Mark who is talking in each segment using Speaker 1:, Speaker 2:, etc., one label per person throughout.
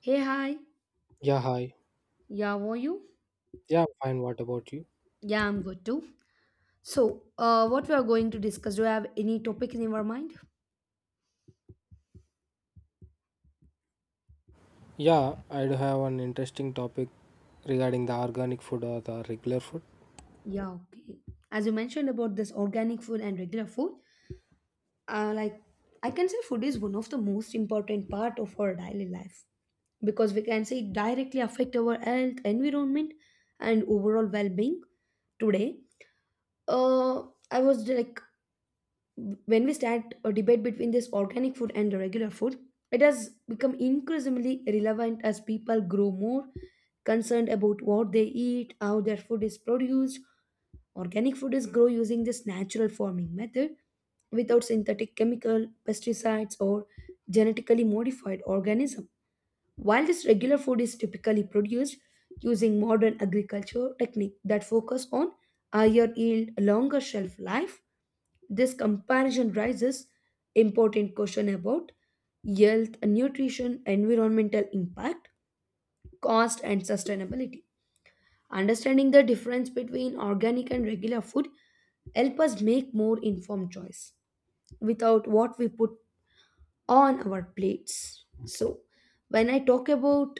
Speaker 1: Hey, hi.
Speaker 2: Yeah, hi.
Speaker 1: Yeah, how are you?
Speaker 2: Yeah, I'm fine. What about you?
Speaker 1: Yeah, I'm good too. So, what we are going to discuss? Do you have any topic in your mind?
Speaker 2: Yeah, I do have an interesting topic regarding the organic food or the regular food.
Speaker 1: Yeah, okay. As you mentioned about this organic food and regular food, like, I can say, food is one of the most important part of our daily life because we can say it directly affect our health, environment, and overall well-being. Today, uh, I was like when we start a debate between this organic food and the regular food, it has become increasingly relevant as people grow more concerned about what they eat, how their food is produced. Organic food is grown using this natural farming method without synthetic chemical, pesticides, or genetically modified organism. While this regular food is typically produced using modern agriculture technique that focus on higher yield, longer shelf life, this comparison raises important question about health, nutrition, environmental impact, cost and sustainability. Understanding the difference between organic and regular food help us make more informed choice. Without what we put on our plates. So, when I talk about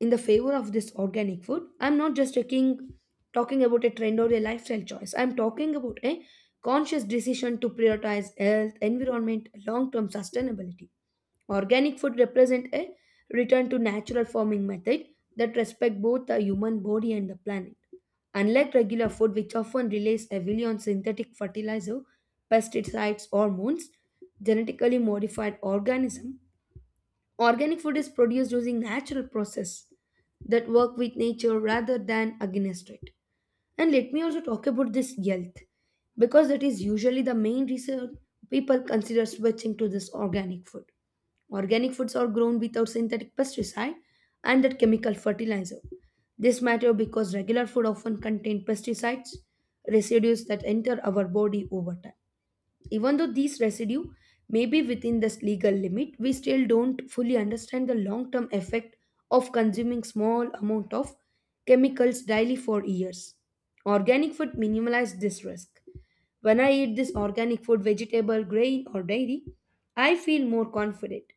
Speaker 1: in the favor of this organic food, I'm not just taking talking about a trend or a lifestyle choice. I'm talking about a conscious decision to prioritize health, environment, long-term sustainability. Organic food represent a return to natural farming method that respect both the human body and the planet. Unlike regular food, which often relies heavily on synthetic fertilizer, pesticides, hormones, genetically modified organism, organic food is produced using natural process that work with nature rather than against it. And let me also talk about this health, because that is usually the main reason people consider switching to this organic food. Organic foods are grown without synthetic pesticide and that chemical fertilizer. This matter because regular food often contain pesticides, residues that enter our body over time. Even though these residue may be within this legal limit, we still don't fully understand the long term effect of consuming small amount of chemicals daily for years. Organic food minimizes this risk. When I eat this organic food, vegetable, grain, or dairy, I feel more confident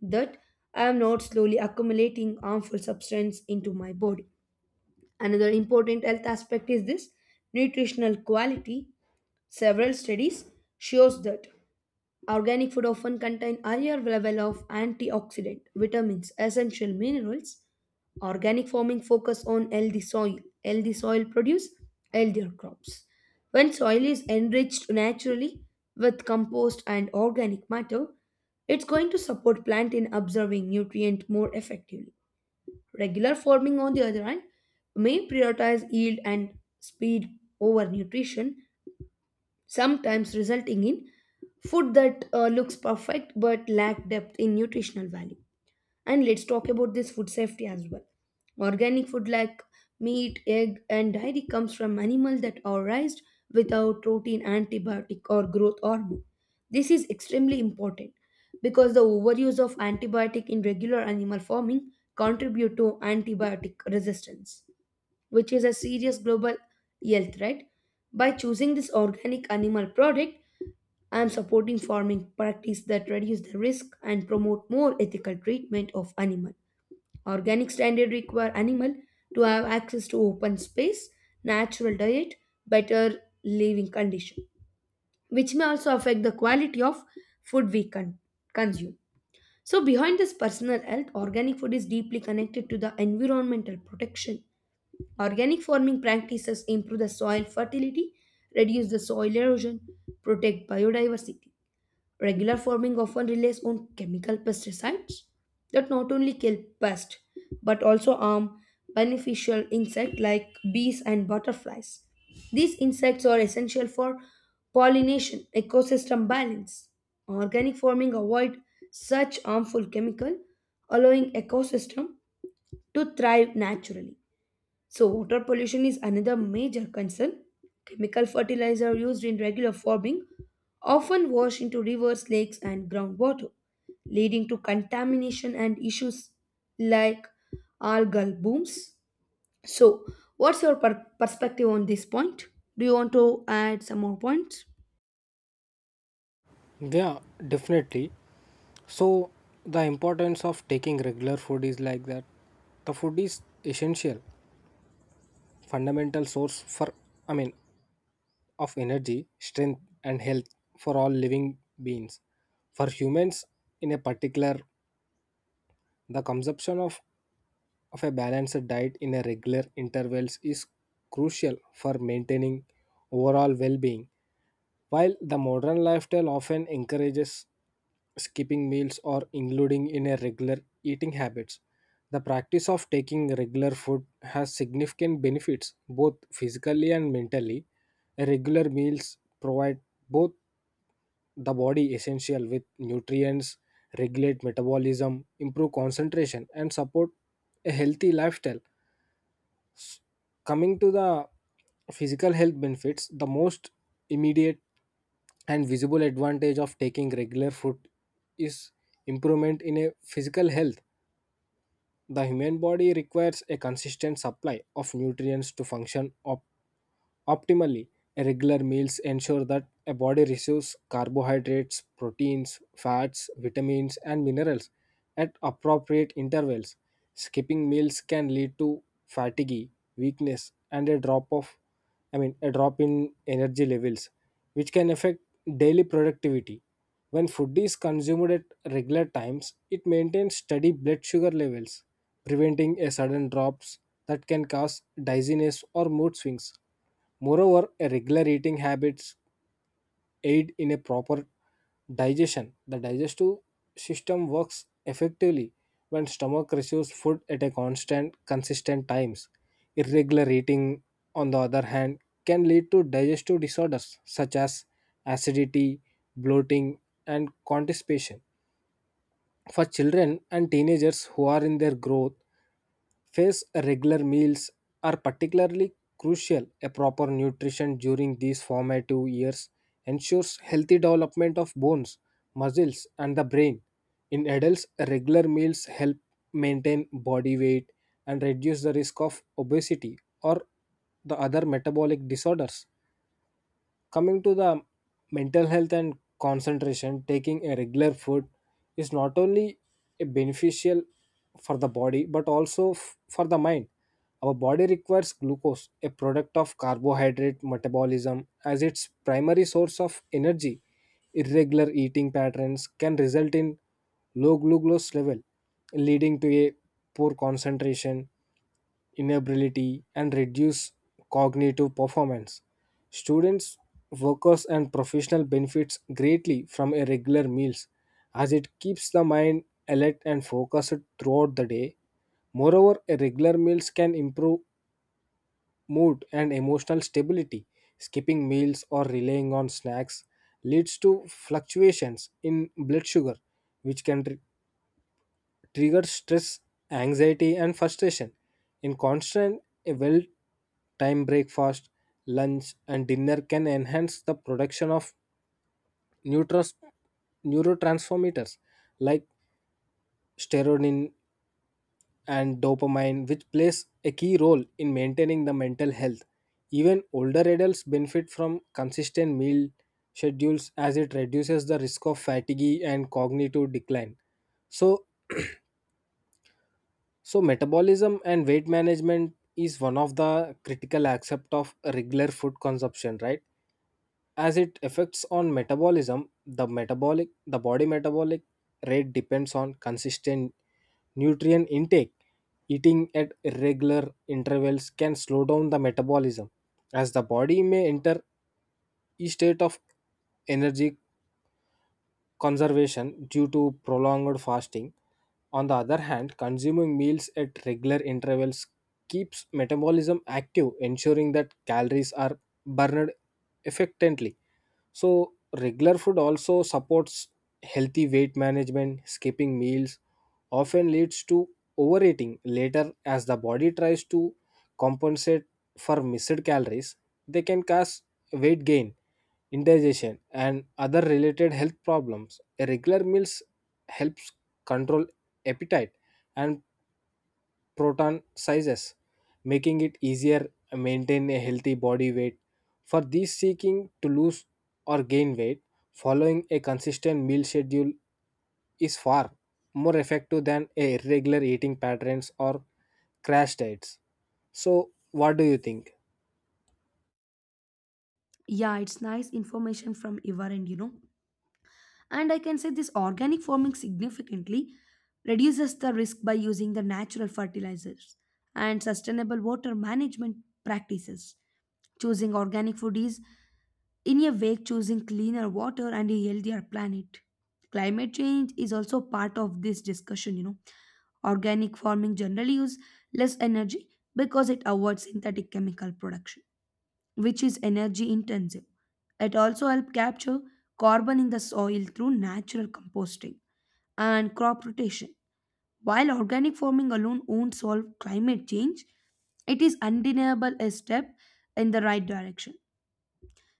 Speaker 1: that I am not slowly accumulating harmful substance into my body. Another important health aspect is this nutritional quality. Several studies shows that organic food often contain higher level of antioxidant, vitamins, essential minerals. Organic farming focus on healthy soil. Healthy soil produce healthier crops. When soil is enriched naturally with compost and organic matter, it's going to support plant in absorbing nutrient more effectively. Regular farming on the other hand may prioritize yield and speed over nutrition, sometimes resulting in food that looks perfect but lack depth in nutritional value. And let's talk about this food safety as well. Organic food like meat, egg, and dairy comes from animals that are raised without routine antibiotic or growth hormone. This is extremely important because the overuse of antibiotic in regular animal farming contribute to antibiotic resistance which is a serious global health threat. By choosing this organic animal product, I am supporting farming practice that reduce the risk and promote more ethical treatment of animal. Organic standard require animal to have access to open space, natural diet, better living condition, which may also affect the quality of food we consume. So behind this personal health, organic food is deeply connected to the environmental protection. Organic farming practices improve the soil fertility, reduce the soil erosion, protect biodiversity. Regular farming often relies on chemical pesticides that not only kill pests but also harm beneficial insects like bees and butterflies. These insects are essential for pollination, ecosystem balance. Organic farming avoid such harmful chemical, allowing ecosystem to thrive naturally. So, water pollution is another major concern. Chemical fertilizer used in regular farming often wash into rivers, lakes, and groundwater, leading to contamination and issues like algal booms. So, what's your perspective on this point? Do you want to add some more points?
Speaker 2: Yeah, definitely. So, the importance of taking regular food is like that. The food is essential, fundamental source for, I mean, of energy, strength, and health for all living beings. For humans, in a particular, the consumption of a balanced diet in a regular intervals is crucial for maintaining overall well-being. While the modern lifestyle often encourages skipping meals or including in a regular eating habits, the practice of taking regular food has significant benefits both physically and mentally. Regular meals provide both the body essential with nutrients, regulate metabolism, improve concentration and support a healthy lifestyle coming to the physical health benefits the most immediate and visible advantage of taking regular food is improvement in a physical health. The human body requires a consistent supply of nutrients to function optimally. Regular meals ensure that a body receives carbohydrates, proteins, fats, vitamins, and minerals at appropriate intervals. Skipping meals can lead to fatigue, weakness, and a drop of I mean a drop in energy levels, which can affect daily productivity. When food is consumed at regular times, it maintains steady blood sugar levels, preventing a sudden drops that can cause dizziness or mood swings. Moreover, a regular eating habits aid in a proper digestion. The digestive system works effectively when stomach receives food at a constant, consistent times. Irregular eating, on the other hand, can lead to digestive disorders such as acidity, bloating, and constipation. For children and teenagers who are in their growth phase, regular meals are particularly crucial. A proper nutrition during these formative years ensures healthy development of bones, muscles, and the brain. In adults, regular meals help maintain body weight and reduce the risk of obesity or the other metabolic disorders. Coming to the mental health and concentration, taking a regular food is not only a beneficial for the body but also for the mind. Our body requires glucose, a product of carbohydrate metabolism, as its primary source of energy. Irregular eating patterns can result in low glucose level, leading to a poor concentration inability and reduce cognitive performance. Students, workers, and professional benefits greatly from a regular meals as it keeps the mind alert and focused throughout the day. Moreover, a regular meals can improve mood and emotional stability. Skipping meals or relying on snacks leads to fluctuations in blood sugar, which can trigger stress, anxiety, and frustration. In constant a well timed breakfast, lunch, and dinner can enhance the production of neutrons- neurotransmitters like serotonin and dopamine, which plays a key role in maintaining the mental health. Even older adults benefit from consistent meal schedules as it reduces the risk of fatigue and cognitive decline. So, So, metabolism and weight management is one of the critical aspect of regular food consumption, right? As it affects on metabolism, the body metabolic rate depends on consistent nutrient intake. Eating at irregular intervals can slow down the metabolism as the body may enter a state of energy conservation due to prolonged fasting. On the other hand, consuming meals at regular intervals keeps metabolism active, ensuring that calories are burned effectively. So, regular food also supports healthy weight management. Skipping meals often leads to overeating later as the body tries to compensate for missed calories, they can cause weight gain indigestion, and other related health problems. A regular meals helps control appetite and proton sizes, making it easier to maintain a healthy body weight. For these seeking to lose or gain weight, following a consistent meal schedule is far more effective than a irregular eating patterns or crash diets. So, what do you think?
Speaker 1: Yeah, it's nice information from Ivar and you know. And I can say this organic farming significantly reduces the risk by using the natural fertilizers and sustainable water management practices. Choosing organic food is, in a way, choosing cleaner water and a healthier planet. Climate change is also part of this discussion, you know. Organic farming generally uses less energy because it avoids synthetic chemical production which is energy intensive. It also helps capture carbon in the soil through natural composting and crop rotation. While organic farming alone won't solve climate change, it is undeniable a step in the right direction.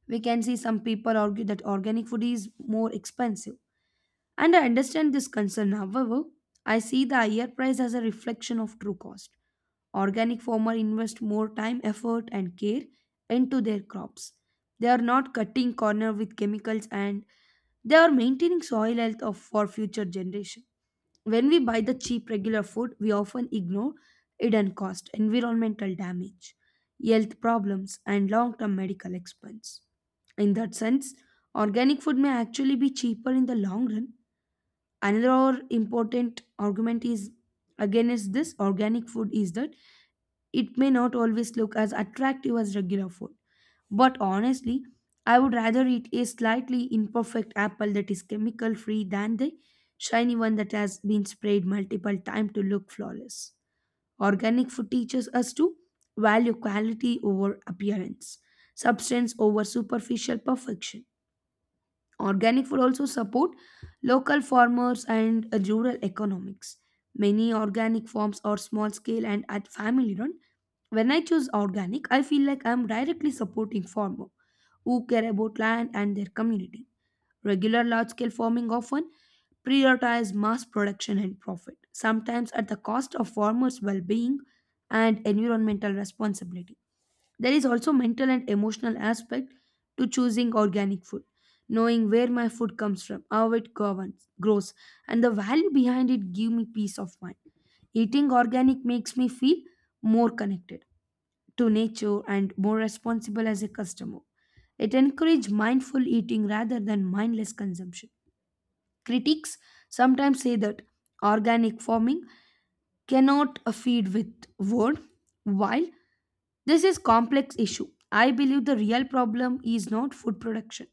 Speaker 1: We can see some people argue that organic food is more expensive. And I understand this concern. However, I see the higher price as a reflection of true cost. Organic farmers invest more time, effort, and care into their crops. They are not cutting corner with chemicals and they are maintaining soil health of, for future generation. When we buy the cheap regular food, we often ignore hidden cost, environmental damage, health problems, and long term medical expense. In that sense, organic food may actually be cheaper in the long run. Another important argument is against this organic food is that it may not always look as attractive as regular food. But honestly, I would rather eat a slightly imperfect apple that is chemical free than the shiny one that has been sprayed multiple times to look flawless. Organic food teaches us to value quality over appearance, substance over superficial perfection. Organic food also support local farmers and rural economics. Many organic farms are small scale and at family run. When I choose organic, I feel like I'm directly supporting farmer who care about land and their community. Regular large scale farming often prioritize mass production and profit, sometimes at the cost of farmers' well being and environmental responsibility. There is also mental and emotional aspect to choosing organic food, knowing where my food comes from, how it governs, grows, and the value behind it give me peace of mind. Eating organic makes me feel more connected to nature and more responsible as a customer. It encourages mindful eating rather than mindless consumption. Critics sometimes say that organic farming cannot feed with word. While this is complex issue, I believe the real problem is not food production,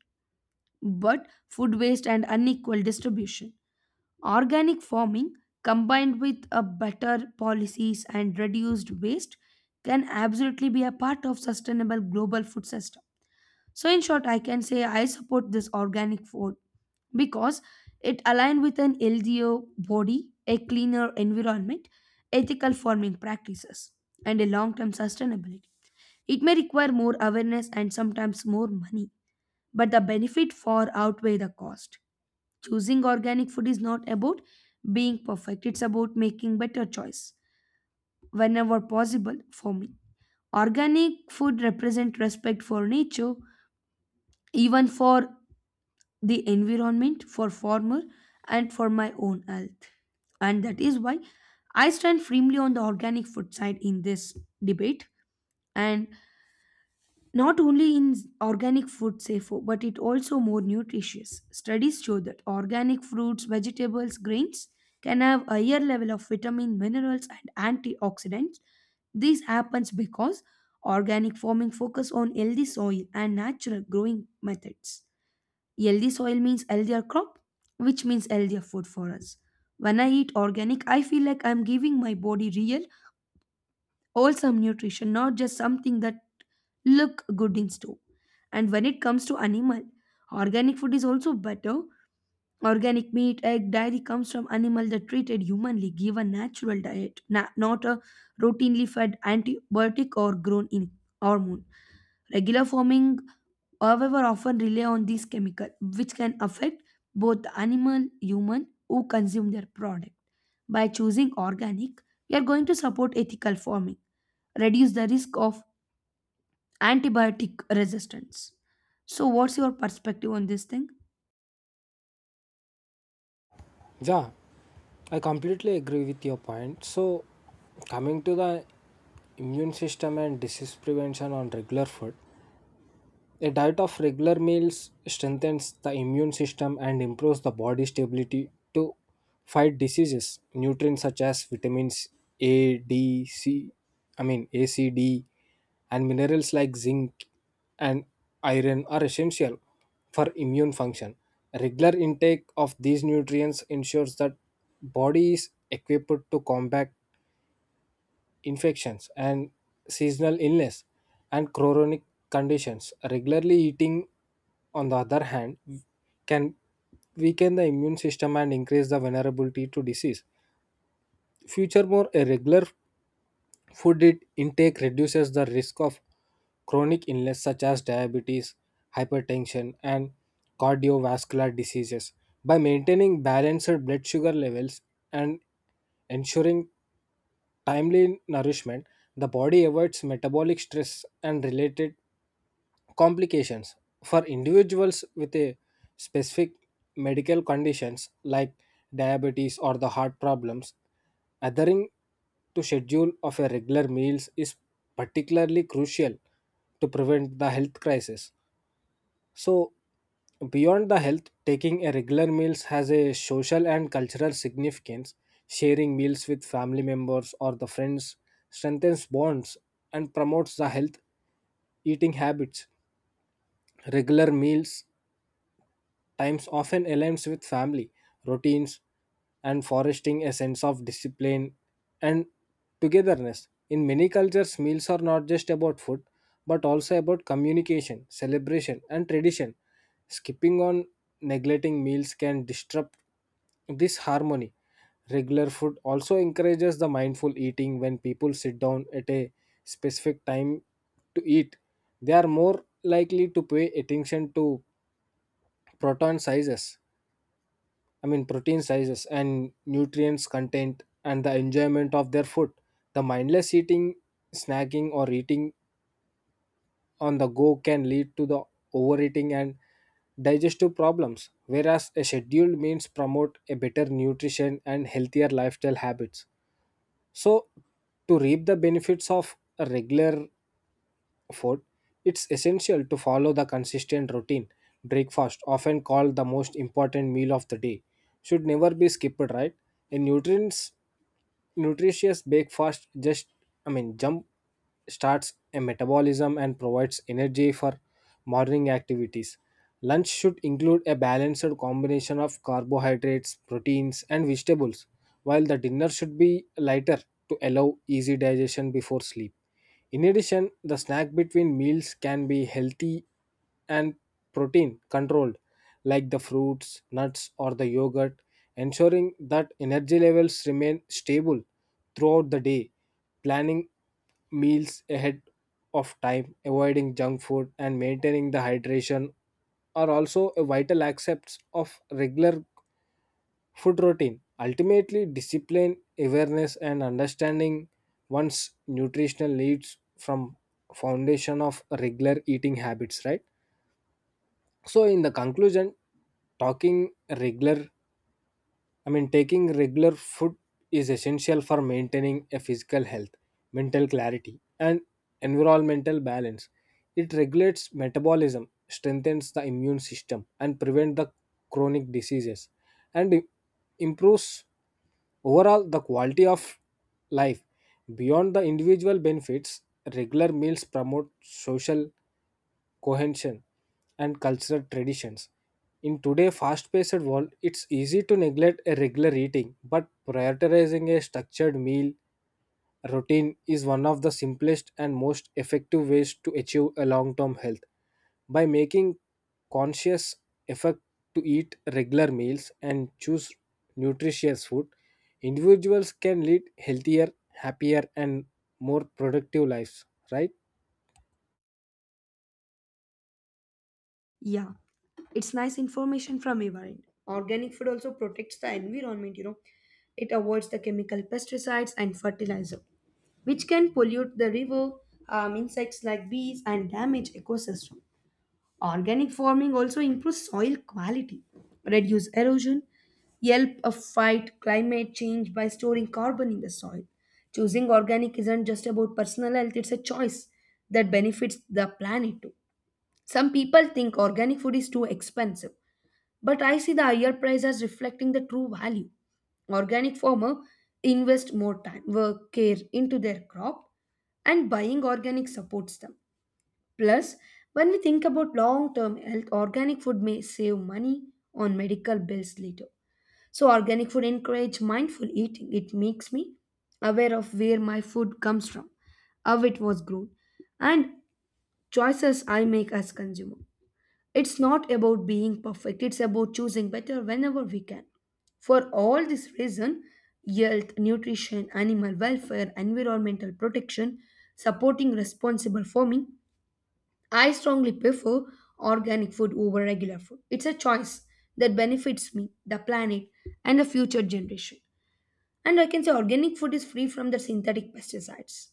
Speaker 1: but food waste and unequal distribution. Organic farming combined with a better policies and reduced waste can absolutely be a part of sustainable global food system. So, in short, I can say I support this organic food because it aligns with an healthier body, a cleaner environment, ethical farming practices, and a long term sustainability. It may require more awareness and sometimes more money, but the benefit far outweigh the cost. Choosing organic food is not about being perfect, it's about making better choice whenever possible for me. Organic food represent respect for nature, even for the environment for farmer and for my own health, and that is why I stand firmly on the organic food side in this debate. And not only in organic food safer but it also more nutritious, studies show that organic fruits, vegetables, grains can have higher level of vitamin, minerals, and antioxidants. This happens because organic farming focus on healthy soil and natural growing methods. Healthy soil means healthier crop, which means healthier food for us. When I eat organic, I feel like I'm giving my body real, wholesome nutrition, not just something that look good in store. And when it comes to animal, organic food is also better. Organic meat, egg, dairy comes from animal that treated humanly, give a natural diet, not a routinely fed antibiotic or grown in hormone. Regular farming however often rely on these chemicals which can affect both the animal human who consume their product. By choosing organic, we are going to support ethical farming, reduce the risk of antibiotic resistance. So what's your perspective on this thing?
Speaker 2: Ja, I completely agree with your point. So, coming to the immune system and disease prevention on regular food, a diet of regular meals strengthens the immune system and improves the body's stability to fight diseases. Nutrients such as vitamins A, D, C, I mean A, C, D, and minerals like zinc and iron are essential for immune function. Regular intake of these nutrients ensures that body is equipped to combat infections and seasonal illness and chronic conditions. Regularly eating, on the other hand, can weaken the immune system and increase the vulnerability to disease. Furthermore, a regular food intake reduces the risk of chronic illness such as diabetes, hypertension, and cardiovascular diseases. By maintaining balanced blood sugar levels and ensuring timely nourishment, the body avoids metabolic stress and related complications. For individuals with a specific medical conditions like diabetes or the heart problems, adhering to schedule of a regular meals is particularly crucial to prevent the health crisis. So, beyond the health, taking a regular meals has a social and cultural significance. Sharing meals with family members or the friends strengthens bonds and promotes the health eating habits. Regular meals times often aligns with family routines and fostering a sense of discipline and togetherness. In many cultures, meals are not just about food but also about communication, celebration, and tradition. Skipping on neglecting meals can disrupt this harmony. Regular food also encourages the mindful eating when people sit down at a specific time to eat. They are more likely to pay attention to proton sizes I mean, protein sizes and nutrients content and the enjoyment of their food. The mindless eating, snacking, or eating on the go can lead to the overeating and digestive problems, whereas a scheduled meals promote a better nutrition and healthier lifestyle habits. So, to reap the benefits of a regular Fourth, it's essential to follow the consistent routine. Breakfast, often called the most important meal of the day, should never be skipped, right? In nutrients Nutritious breakfast just I mean jump starts a metabolism and provides energy for morning activities. Lunch should include a balanced combination of carbohydrates, proteins and vegetables, while the dinner should be lighter to allow easy digestion before sleep. In addition, the snack between meals can be healthy and protein controlled, like the fruits, nuts or the yogurt, ensuring that energy levels remain stable throughout the day. Planning meals ahead of time, avoiding junk food and maintaining the hydration are also a vital aspects of regular food routine. Ultimately, discipline, awareness and understanding one's nutritional needs from foundation of regular eating habits, right? So in the conclusion, talking regular I mean taking regular food is essential for maintaining a physical health, mental clarity and environmental balance. It regulates metabolism, strengthens the immune system and prevent the chronic diseases and improves overall the quality of life. Beyond the individual benefits, regular meals promote social cohesion, and cultural traditions. In today's fast-paced world, it's easy to neglect a regular eating, but prioritizing a structured meal routine is one of the simplest and most effective ways to achieve a long-term health. By making conscious effort to eat regular meals and choose nutritious food, individuals can lead healthier, happier, and more productive lives, right?
Speaker 1: Yeah, it's nice information from your end. Organic food also protects the environment, you know. It avoids the chemical pesticides and fertilizer which can pollute the river, harm insects like bees and damage ecosystem. Organic farming also improves soil quality, reduce erosion, help a fight climate change by storing carbon in the soil. Choosing organic isn't just about personal health, it's a choice that benefits the planet too. Some people think organic food is too expensive, but I see the higher price as reflecting the true value. Organic farmer invest more time, work, care into their crop, and buying organic supports them. Plus, when we think about long term health, organic food may save money on medical bills later. So, organic food encourage mindful eating. It makes me aware of where my food comes from, how it was grown, and choices I make as consumer. It's not about being perfect. It's about choosing better whenever we can. For all this reason, health, nutrition, animal welfare, environmental protection, supporting responsible farming, I strongly prefer organic food over regular food. It's a choice that benefits me, the planet, and the future generation. And I can say organic food is free from the synthetic pesticides.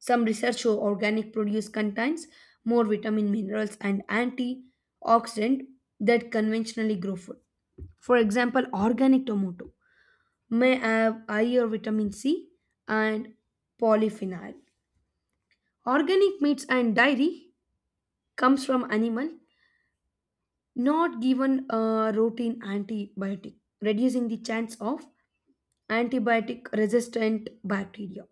Speaker 1: Some research show organic produce contains more vitamin minerals and antioxidant that conventionally grow food. For example, organic tomato may have higher vitamin C and polyphenol. Organic meats and dairy comes from animal not given a routine antibiotic, reducing the chance of antibiotic resistant bacteria.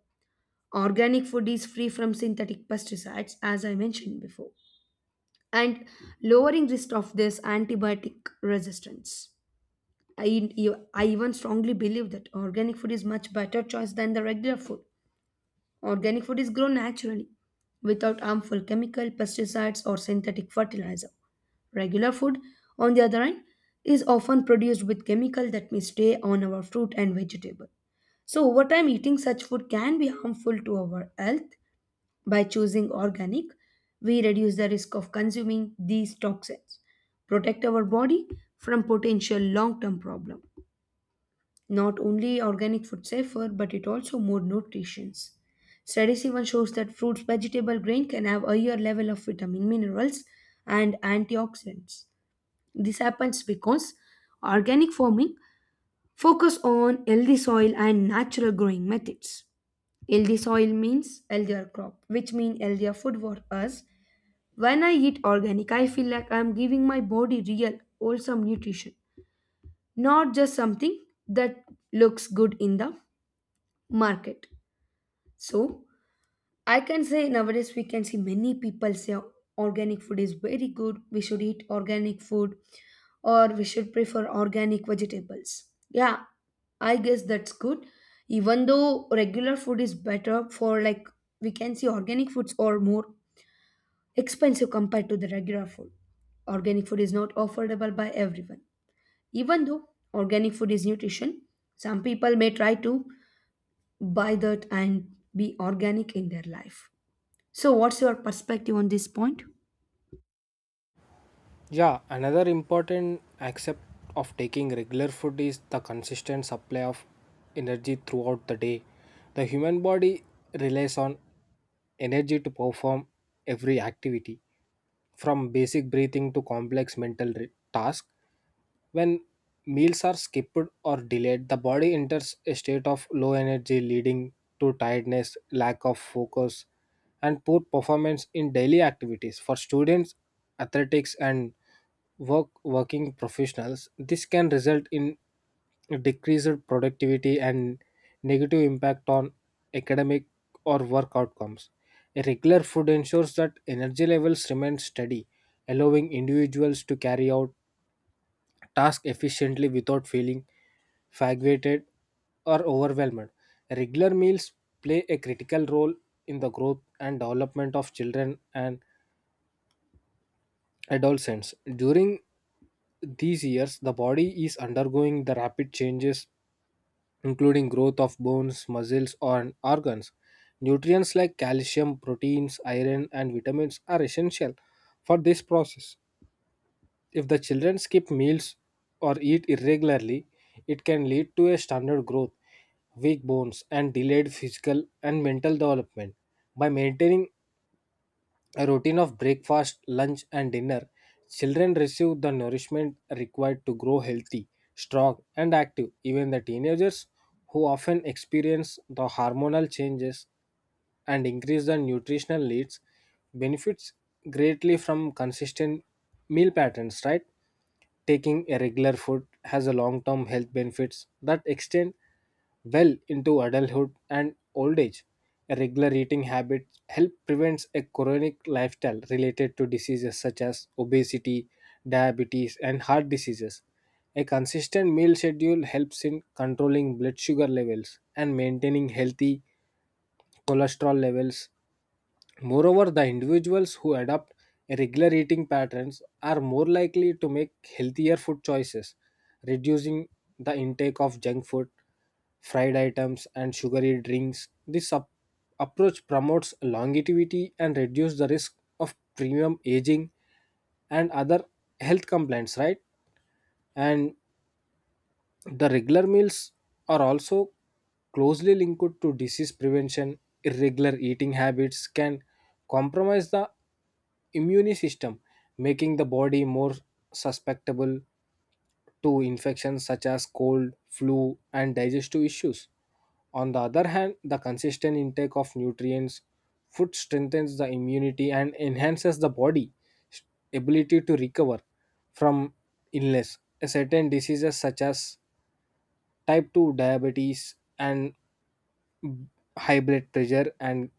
Speaker 1: Organic food is free from synthetic pesticides, as I mentioned before, and lowering risk of this antibiotic resistance. I, I even strongly believe that organic food is much better choice than the regular food. Organic food is grown naturally without harmful chemical pesticides or synthetic fertilizer. Regular food, on the other hand, is often produced with chemical that may stay on our fruit and vegetable. So over time eating such food can be harmful to our health. By choosing organic, we reduce the risk of consuming these toxins, protect our body from potential long-term problems. Not only organic food safer, but it also more nutritions. Studies even shows that fruits, vegetable, grain can have higher level of vitamin, minerals, and antioxidants. This happens because organic farming focus on healthy soil and natural growing methods. Healthy soil means healthier crop, which means healthier food for us. When I eat organic, I feel like I'm giving my body real, wholesome nutrition, not just something that looks good in the market. So I can say nowadays we can see many people say organic food is very good. We should eat organic food or we should prefer organic vegetables. Yeah, I guess that's good. Even though regular food is better for like, we can see organic foods are more expensive compared to the regular food. Organic food is not affordable by everyone. Even though organic food is nutrition, some people may try to buy that and be organic in their life. So, what's your perspective on this point?
Speaker 2: Yeah, another important aspect of taking regular food is the consistent supply of energy throughout the day. The human body relies on energy to perform every activity, from basic breathing to complex mental tasks. When meals are skipped or delayed, the body enters a state of low energy, leading to tiredness, lack of focus, and poor performance in daily activities. For students, athletics, and working professionals, this can result in decreased productivity and negative impact on academic or work outcomes. A regular food ensures that energy levels remain steady, allowing individuals to carry out task efficiently without feeling fatigued or overwhelmed. Regular meals play a critical role in the growth and development of children and adolescents. During these years, the body is undergoing the rapid changes, including growth of bones, muscles, and organs. Nutrients like calcium, proteins, iron, and vitamins are essential for this process. If the children skip meals or eat irregularly, it can lead to a standard growth, weak bones, and delayed physical and mental development. By maintaining a routine of breakfast, lunch, and dinner, children receive the nourishment required to grow healthy, strong, and active. Even the teenagers, who often experience the hormonal changes and increase the nutritional needs, benefits greatly from consistent meal patterns, right? Taking a regular food has a long-term health benefits that extend well into adulthood and old age. A regular eating habit help prevents a chronic lifestyle related to diseases such as obesity, diabetes, and heart diseases. A consistent meal schedule helps in controlling blood sugar levels and maintaining healthy cholesterol levels. Moreover, the individuals who adopt regular eating patterns are more likely to make healthier food choices, reducing the intake of junk food, fried items, and sugary drinks. This approach promotes longevity and reduces the risk of premium aging and other health complaints, right? And the regular meals are also closely linked to disease prevention. Irregular eating habits can compromise the immune system, making the body more susceptible to infections such as cold, flu, and digestive issues. On the other hand, the consistent intake of nutrients, food strengthens the immunity and enhances the body's ability to recover from illness. Certain diseases such as type 2 diabetes and high blood pressure and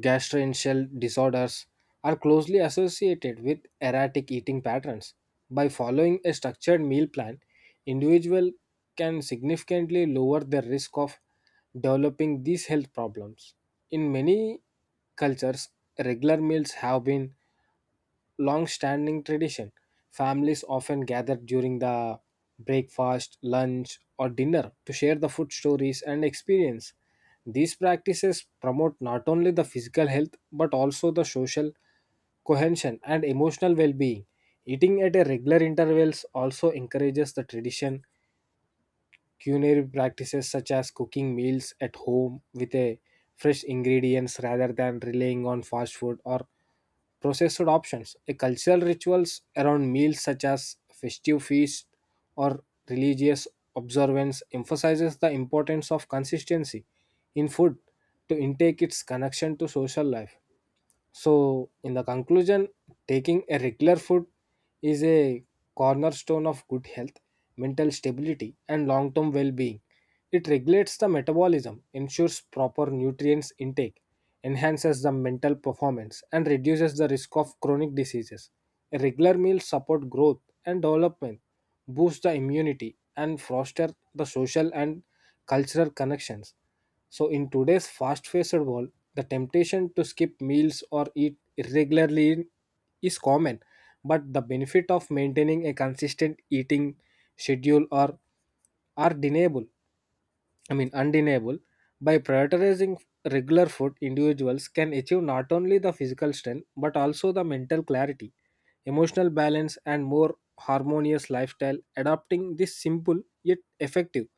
Speaker 2: gastrointestinal disorders are closely associated with erratic eating patterns. By following a structured meal plan, individuals can significantly lower their risk of developing these health problems. In many cultures, regular meals have been long standing tradition. Families often gather during the breakfast, lunch, or dinner to share the food stories and experience. These practices promote not only the physical health but also the social cohesion and emotional well being. Eating at a regular intervals also encourages the tradition. Culinary practices such as cooking meals at home with a fresh ingredients rather than relying on fast food or processed options. A cultural rituals around meals such as festive feast or religious observance emphasizes the importance of consistency in food to intake its connection to social life. So, in the conclusion, taking a regular food is a cornerstone of good health, mental stability, and long term well being. It regulates the metabolism, ensures proper nutrients intake, enhances the mental performance, and reduces the risk of chronic diseases. A regular meal support growth and development, boost the immunity, and foster the social and cultural connections. So, in today's fast-paced world, the temptation to skip meals or eat irregularly is common, but the benefit of maintaining a consistent eating schedule are deniable. Undeniable. By prioritizing regular food, individuals can achieve not only the physical strength but also the mental clarity, emotional balance, and more harmonious lifestyle. Adopting this simple yet effective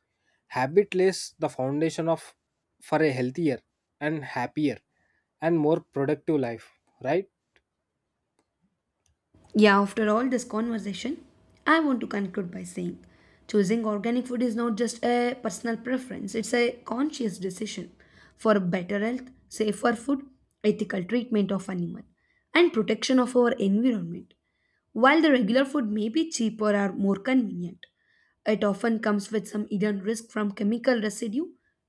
Speaker 2: habit lays the foundation of for a healthier and happier and more productive life, right?
Speaker 1: Yeah, after all this conversation, I want to conclude by saying choosing organic food is not just a personal preference, it's a conscious decision for better health, safer food, ethical treatment of animal, and protection of our environment. While the regular food may be cheaper or more convenient, it often comes with some hidden risk from chemical residue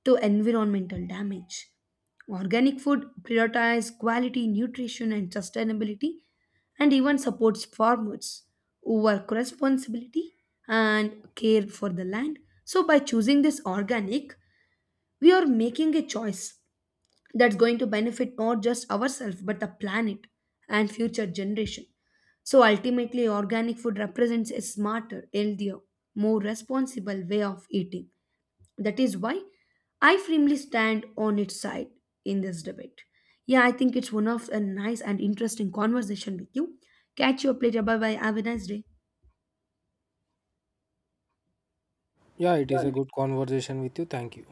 Speaker 1: to environmental damage. Organic food prioritizes quality, nutrition, and sustainability and even supports farmers who work responsibility and care for the land. So, by choosing this organic, we are making a choice that's going to benefit not just ourselves but the planet and future generation. So ultimately organic food represents a smarter, healthier, more responsible way of eating. That is why I firmly stand on its side in this debate. Yeah, I think it's one of a nice and interesting conversation with you. Catch you up later. Bye bye, have a nice day.
Speaker 2: Yeah, it is a
Speaker 1: Yeah,
Speaker 2: good conversation with you. Thank you.